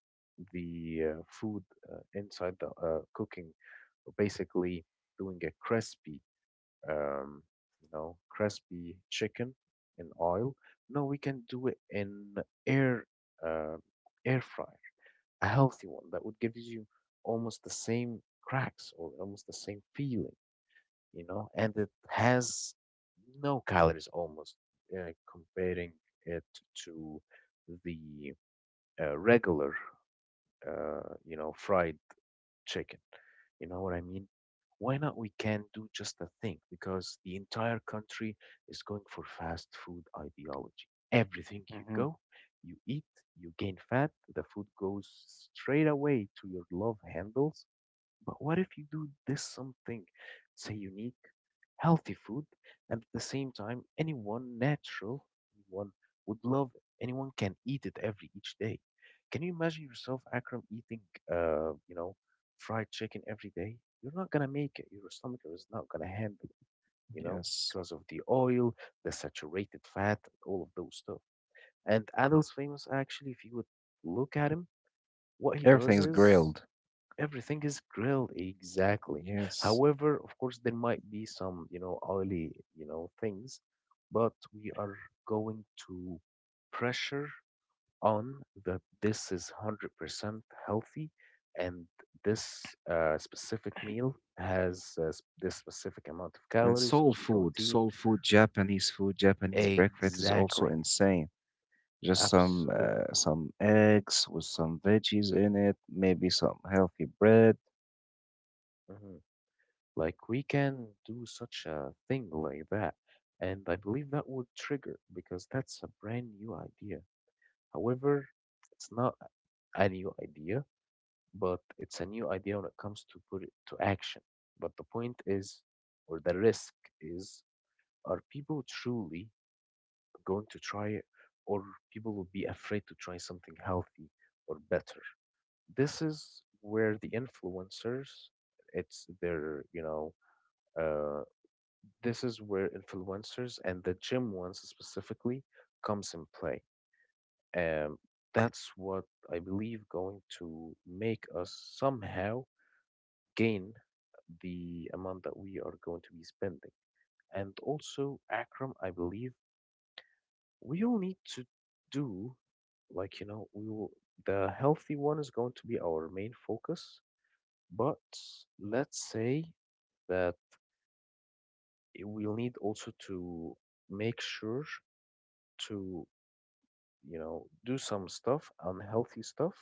the food inside the cooking, basically doing a crispy, um, crispy chicken in oil. No, we can do it in air uh, air fryer, a healthy one that would give you almost the same cracks or almost the same feeling, and it has no calories almost comparing it to the regular fried chicken. You know what I mean? Why not we can do just a thing? Because the entire country is going for fast food ideology. Everything Hmm you go, you eat, you gain fat, the food goes straight away to your love handles. But what if you do this something, say unique, healthy food, and at the same time, anyone natural, anyone would love it. Anyone can eat it every each day. Can you imagine yourself, Akram, eating, uh, you know, fried chicken every day? You're not gonna make it. Your stomach is not gonna handle it, you know, Yes, because of the oil, the saturated fat, all of those stuff. And Adil's famous actually, if you would look at him, what he does everything's is grilled. everything is grilled exactly. Yes, However, of course, there might be some, oily, things, but we are going to pressure on that this is 100% healthy and this specific meal has this specific amount of and calories, soul of food, protein. soul food, Japanese food, Japanese breakfast is also Exactly. insane. Just some Absolutely. uh, some eggs with some veggies in it, maybe some healthy bread. Mm-hmm. Like we can do such a thing like that. And I believe that would trigger because that's a brand new idea. However, it's not a new idea, but it's a new idea when it comes to put it to action. But the point is, or the risk is, are people truly going to try it, or people will be afraid to try something healthy or better? This is where the influencers, it's their, uh, This is where influencers and the gym ones specifically comes in play. Um, that's what I believe going to make us somehow gain the amount that we are going to be spending. And also, Akram, I believe we all need to do, like, we will, the healthy one is going to be our main focus, but let's say that we'll need also to make sure to do some stuff, unhealthy stuff,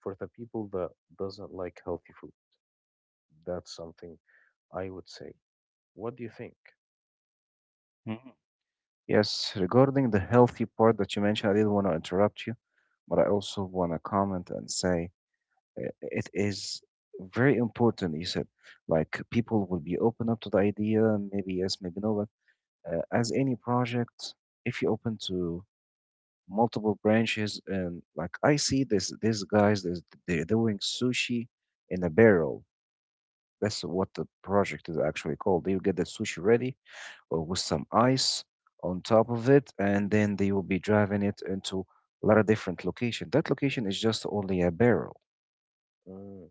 for the people that doesn't like healthy food. That's something I would say. What do you think? Mhm. Yes, regarding the healthy part that you mentioned, I didn't want to interrupt you, but I also want to comment and say it is very important. You said like people will be open up to the idea, maybe yes, maybe no, but as any project, if you open to multiple branches and like I see this, these guys, this, they're doing sushi in a barrel. That's what the project is actually called. They will get the sushi ready with some ice on top of it, and then they will be driving it into a lot of different location. That location is just only a barrel Mm,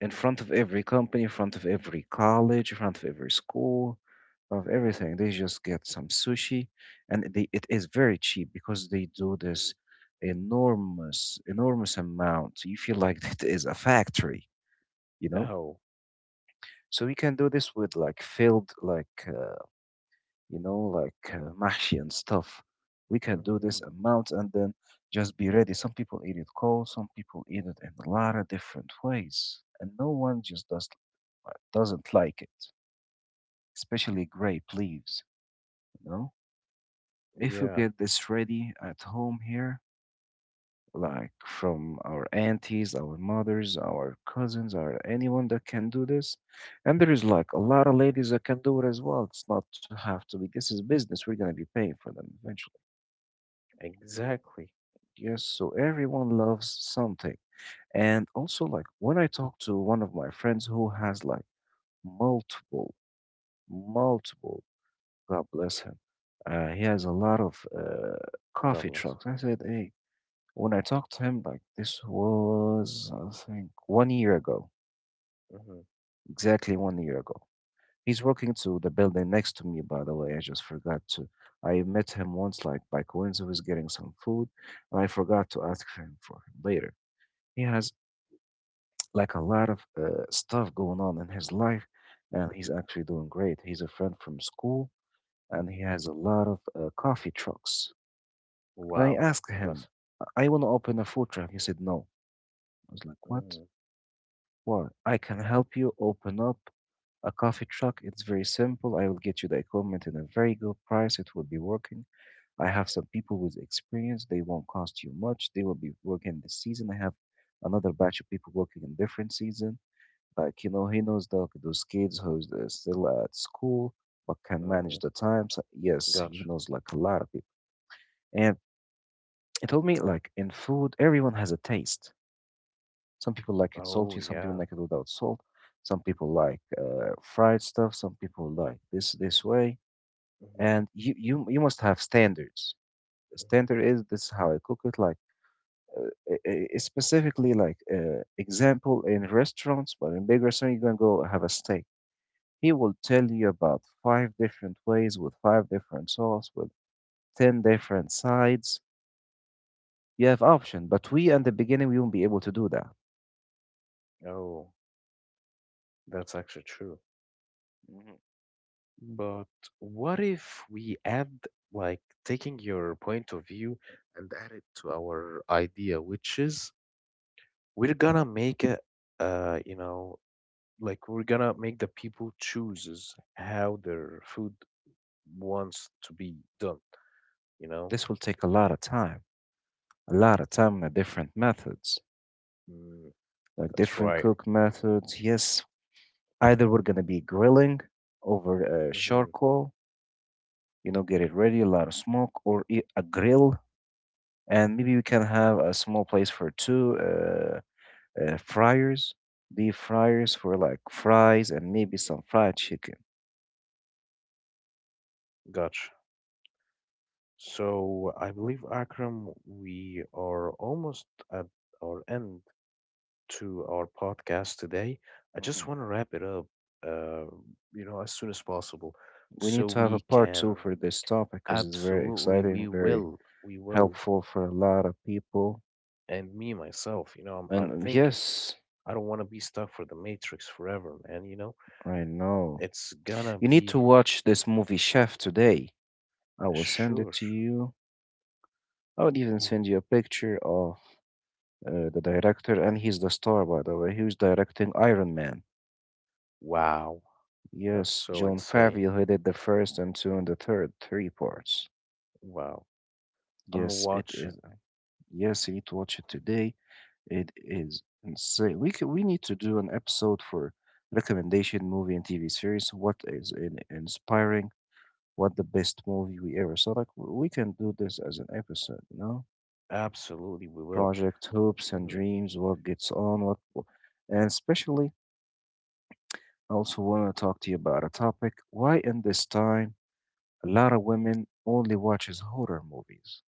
in front of every company, in front of every college, in front of every school, of everything. They just get some sushi, and they, it is very cheap because they do this enormous amount. You feel like it is a factory, you mhm. know. Oh, So we can do this with like filled like. You know, like mahshi and stuff. We can do this hmm. amount and then just be ready. Some people eat it cold, some people eat it in a lot of different ways, and no one just doesn't like it, especially grape leaves. You know, if you Yeah, get this ready at home here, like from our aunties, our mothers, our cousins, or anyone that can do this, and there is like a lot of ladies that can do it as well. It's not to have to be. This is business. We're gonna be paying for them eventually. exactly. Yes, so everyone loves something. And also, like, when I talk to one of my friends who has like multiple, multiple, God bless him, he has a lot of God coffee bless. trucks. I said, hey, when I talked to him, like, this was, I think, 1 year ago, Hmm. exactly 1 year ago. He's working to the building next to me, by the way. I just forgot to. I met him once, like, by coincidence, he was getting some food, and I forgot to ask him for him later. He has like a lot of stuff going on in his life, and he's actually doing great. He's a friend from school, and he has a lot of coffee trucks. And I Wow, asked him, bless. "I want to open a food truck." He said, "No." I was like, "What? Mm, Why? I can help you open up a coffee truck. It's very simple. I will get you the equipment in a very good price. It will be working. I have some people with experience. They won't cost you much. They will be working this season. I have." Another batch of people working in different season. Like, you know, he knows the, those kids who's still at school but can manage mm, the time. So yes, he gotcha. knows like a lot of people. And he told me like in food, everyone has a taste. Some people like it Oh, salty, some people yeah. like it without salt. Some people like fried stuff. Some people like this way. Hmm. And you must have standards. The Hmm. standard is this is how I cook it. Like it's specifically like example in restaurants, but in big restaurant you're gonna go have a steak. He will tell you about five different ways with five different sauce with 10 different sides. You have option, but we at the beginning we won't be able to do that. Oh, that's actually true. Hmm But what if we add, like, taking your point of view and add it to our idea, which is we're gonna make it, uh, you know, like we're gonna make the people chooses how their food wants to be done, you This know? will take a lot of time, a lot of time and different methods, Mm, like that's different right. cook methods. Yes, either we're gonna be grilling over Hmm. charcoal, you know, get it ready, a lot of smoke, or a grill, and maybe we can have a small place for two. Fryers, deep fryers for like fries and maybe some fried chicken. Gotcha. So I believe, Akram, we are almost at our end to our podcast today. I Hmm just want to wrap it up, uh, as soon as possible, We need so to have a we part two can for this topic because it's very absolutely, exciting, we very will, we will, helpful for a lot of people. and me myself, I'm, And I'm thinking, yes, I don't want to be stuck for the Matrix forever, man. You know, I know. it's gonna You need to be watch this movie Chef today. I will send it sure. to you. I would even Ye- send you a picture of the director, and he's the star, by the way. Who's directing Iron Man? Wow, that's Yes, so John Favreau, insane. who did the first and two and the third, three parts. Wow, I'm gonna Yes, it watch it. is. Yes, you need to watch it today. It is insane. We need to do an episode for recommendation movie and TV series. What is in inspiring? What the best movie we ever saw? Like we can do this as an episode, you know? Absolutely, we will. Project hopes and Mhm. dreams. What gets on? And especially, I also want to talk to you about a topic. Why in this time a lot of women only watches horror movies?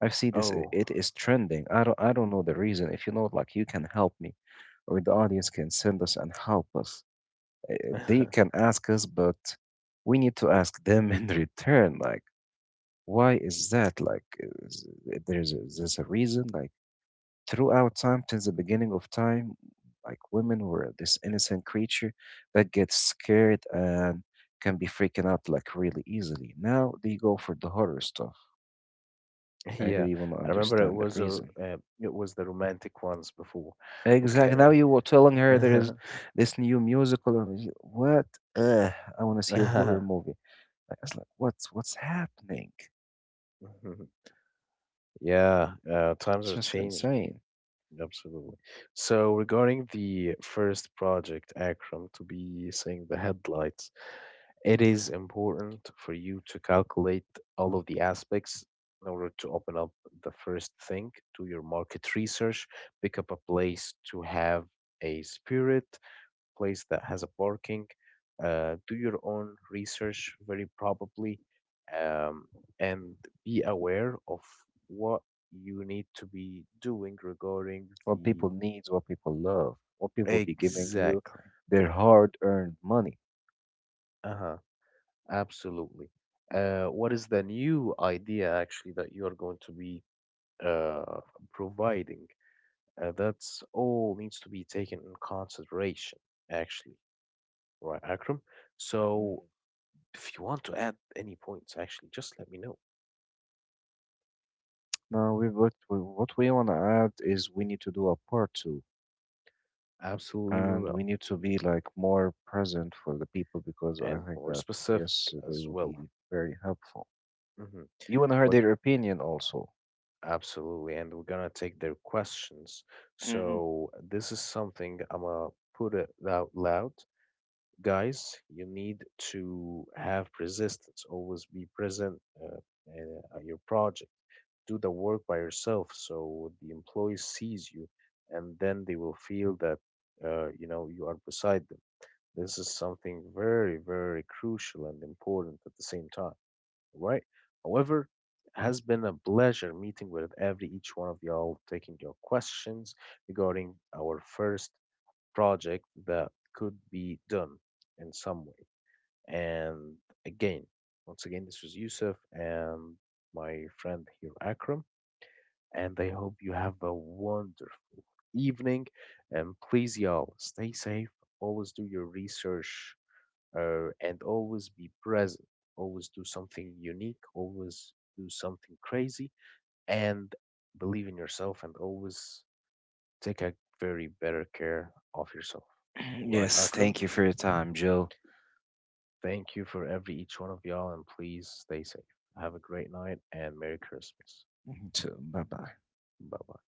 I see this. Oh. It is trending. I don't know the reason. If you know, like, you can help me, or the audience can send us and help us. They can ask us, but we need to ask them in return. Like, why is that? Like, is, eh, there's a reason. Like, throughout time, since the beginning of time, like women were this innocent creature that gets scared and can be freaking out like really easily. Now they go for the horror stuff. I Yeah, really want to I remember understand the reason. It was the romantic ones before. Exactly. Now Okay. you were telling her there is this new musical. Or y- What? Uh, I want to see a horror movie. I was like, what's happening? Yeah, It's times are just changing. insane. Absolutely. So regarding the first project, Akram, to be seeing the headlights, it is important for you to calculate all of the aspects in order to open up the first thing, do your market research, pick up a place to have a spirit, place that has a parking. Do your own research, very probably, um, and be aware of what you need to be doing regarding What the people needs, what people love, what people be giving you Exactly. their hard-earned money. Uh-huh. Absolutely. What is the new idea actually that you are going to be uh, providing? That's all needs to be taken in consideration, actually, right, Akram? So Mhm. if you want to add any points, actually, just let me know. Now, what we want to add is we need to do a part two, Absolutely, we and we will. need to be like more present for the people because I And think more that specific yes, they as will well. be very helpful. Hmm. You want to hear But their opinion also. absolutely, and we're gonna take their questions. Mhm. So this is something I'm gonna put it out loud. Guys, you need to have resistance. Always be present in your project. Do the work by yourself, so the employee sees you, and then they will feel that you know you are beside them. This is something very, very crucial and important at the same time, right? However, it has been a pleasure meeting with every each one of y'all, taking your questions regarding our first project that could be done in some way. And again, once again, this was Yusuf and my friend here, Akram, and I hope you have a wonderful evening. And please, y'all, stay safe. Always do your research and always be present, always do something unique, always do something crazy, and believe in yourself and always take a very better care of yourself. All right, Yes, thank Akram, you for your time, Jill. thank you for every each one of y'all, and please stay safe. Have a great night and Merry Christmas. Bye bye. Bye bye.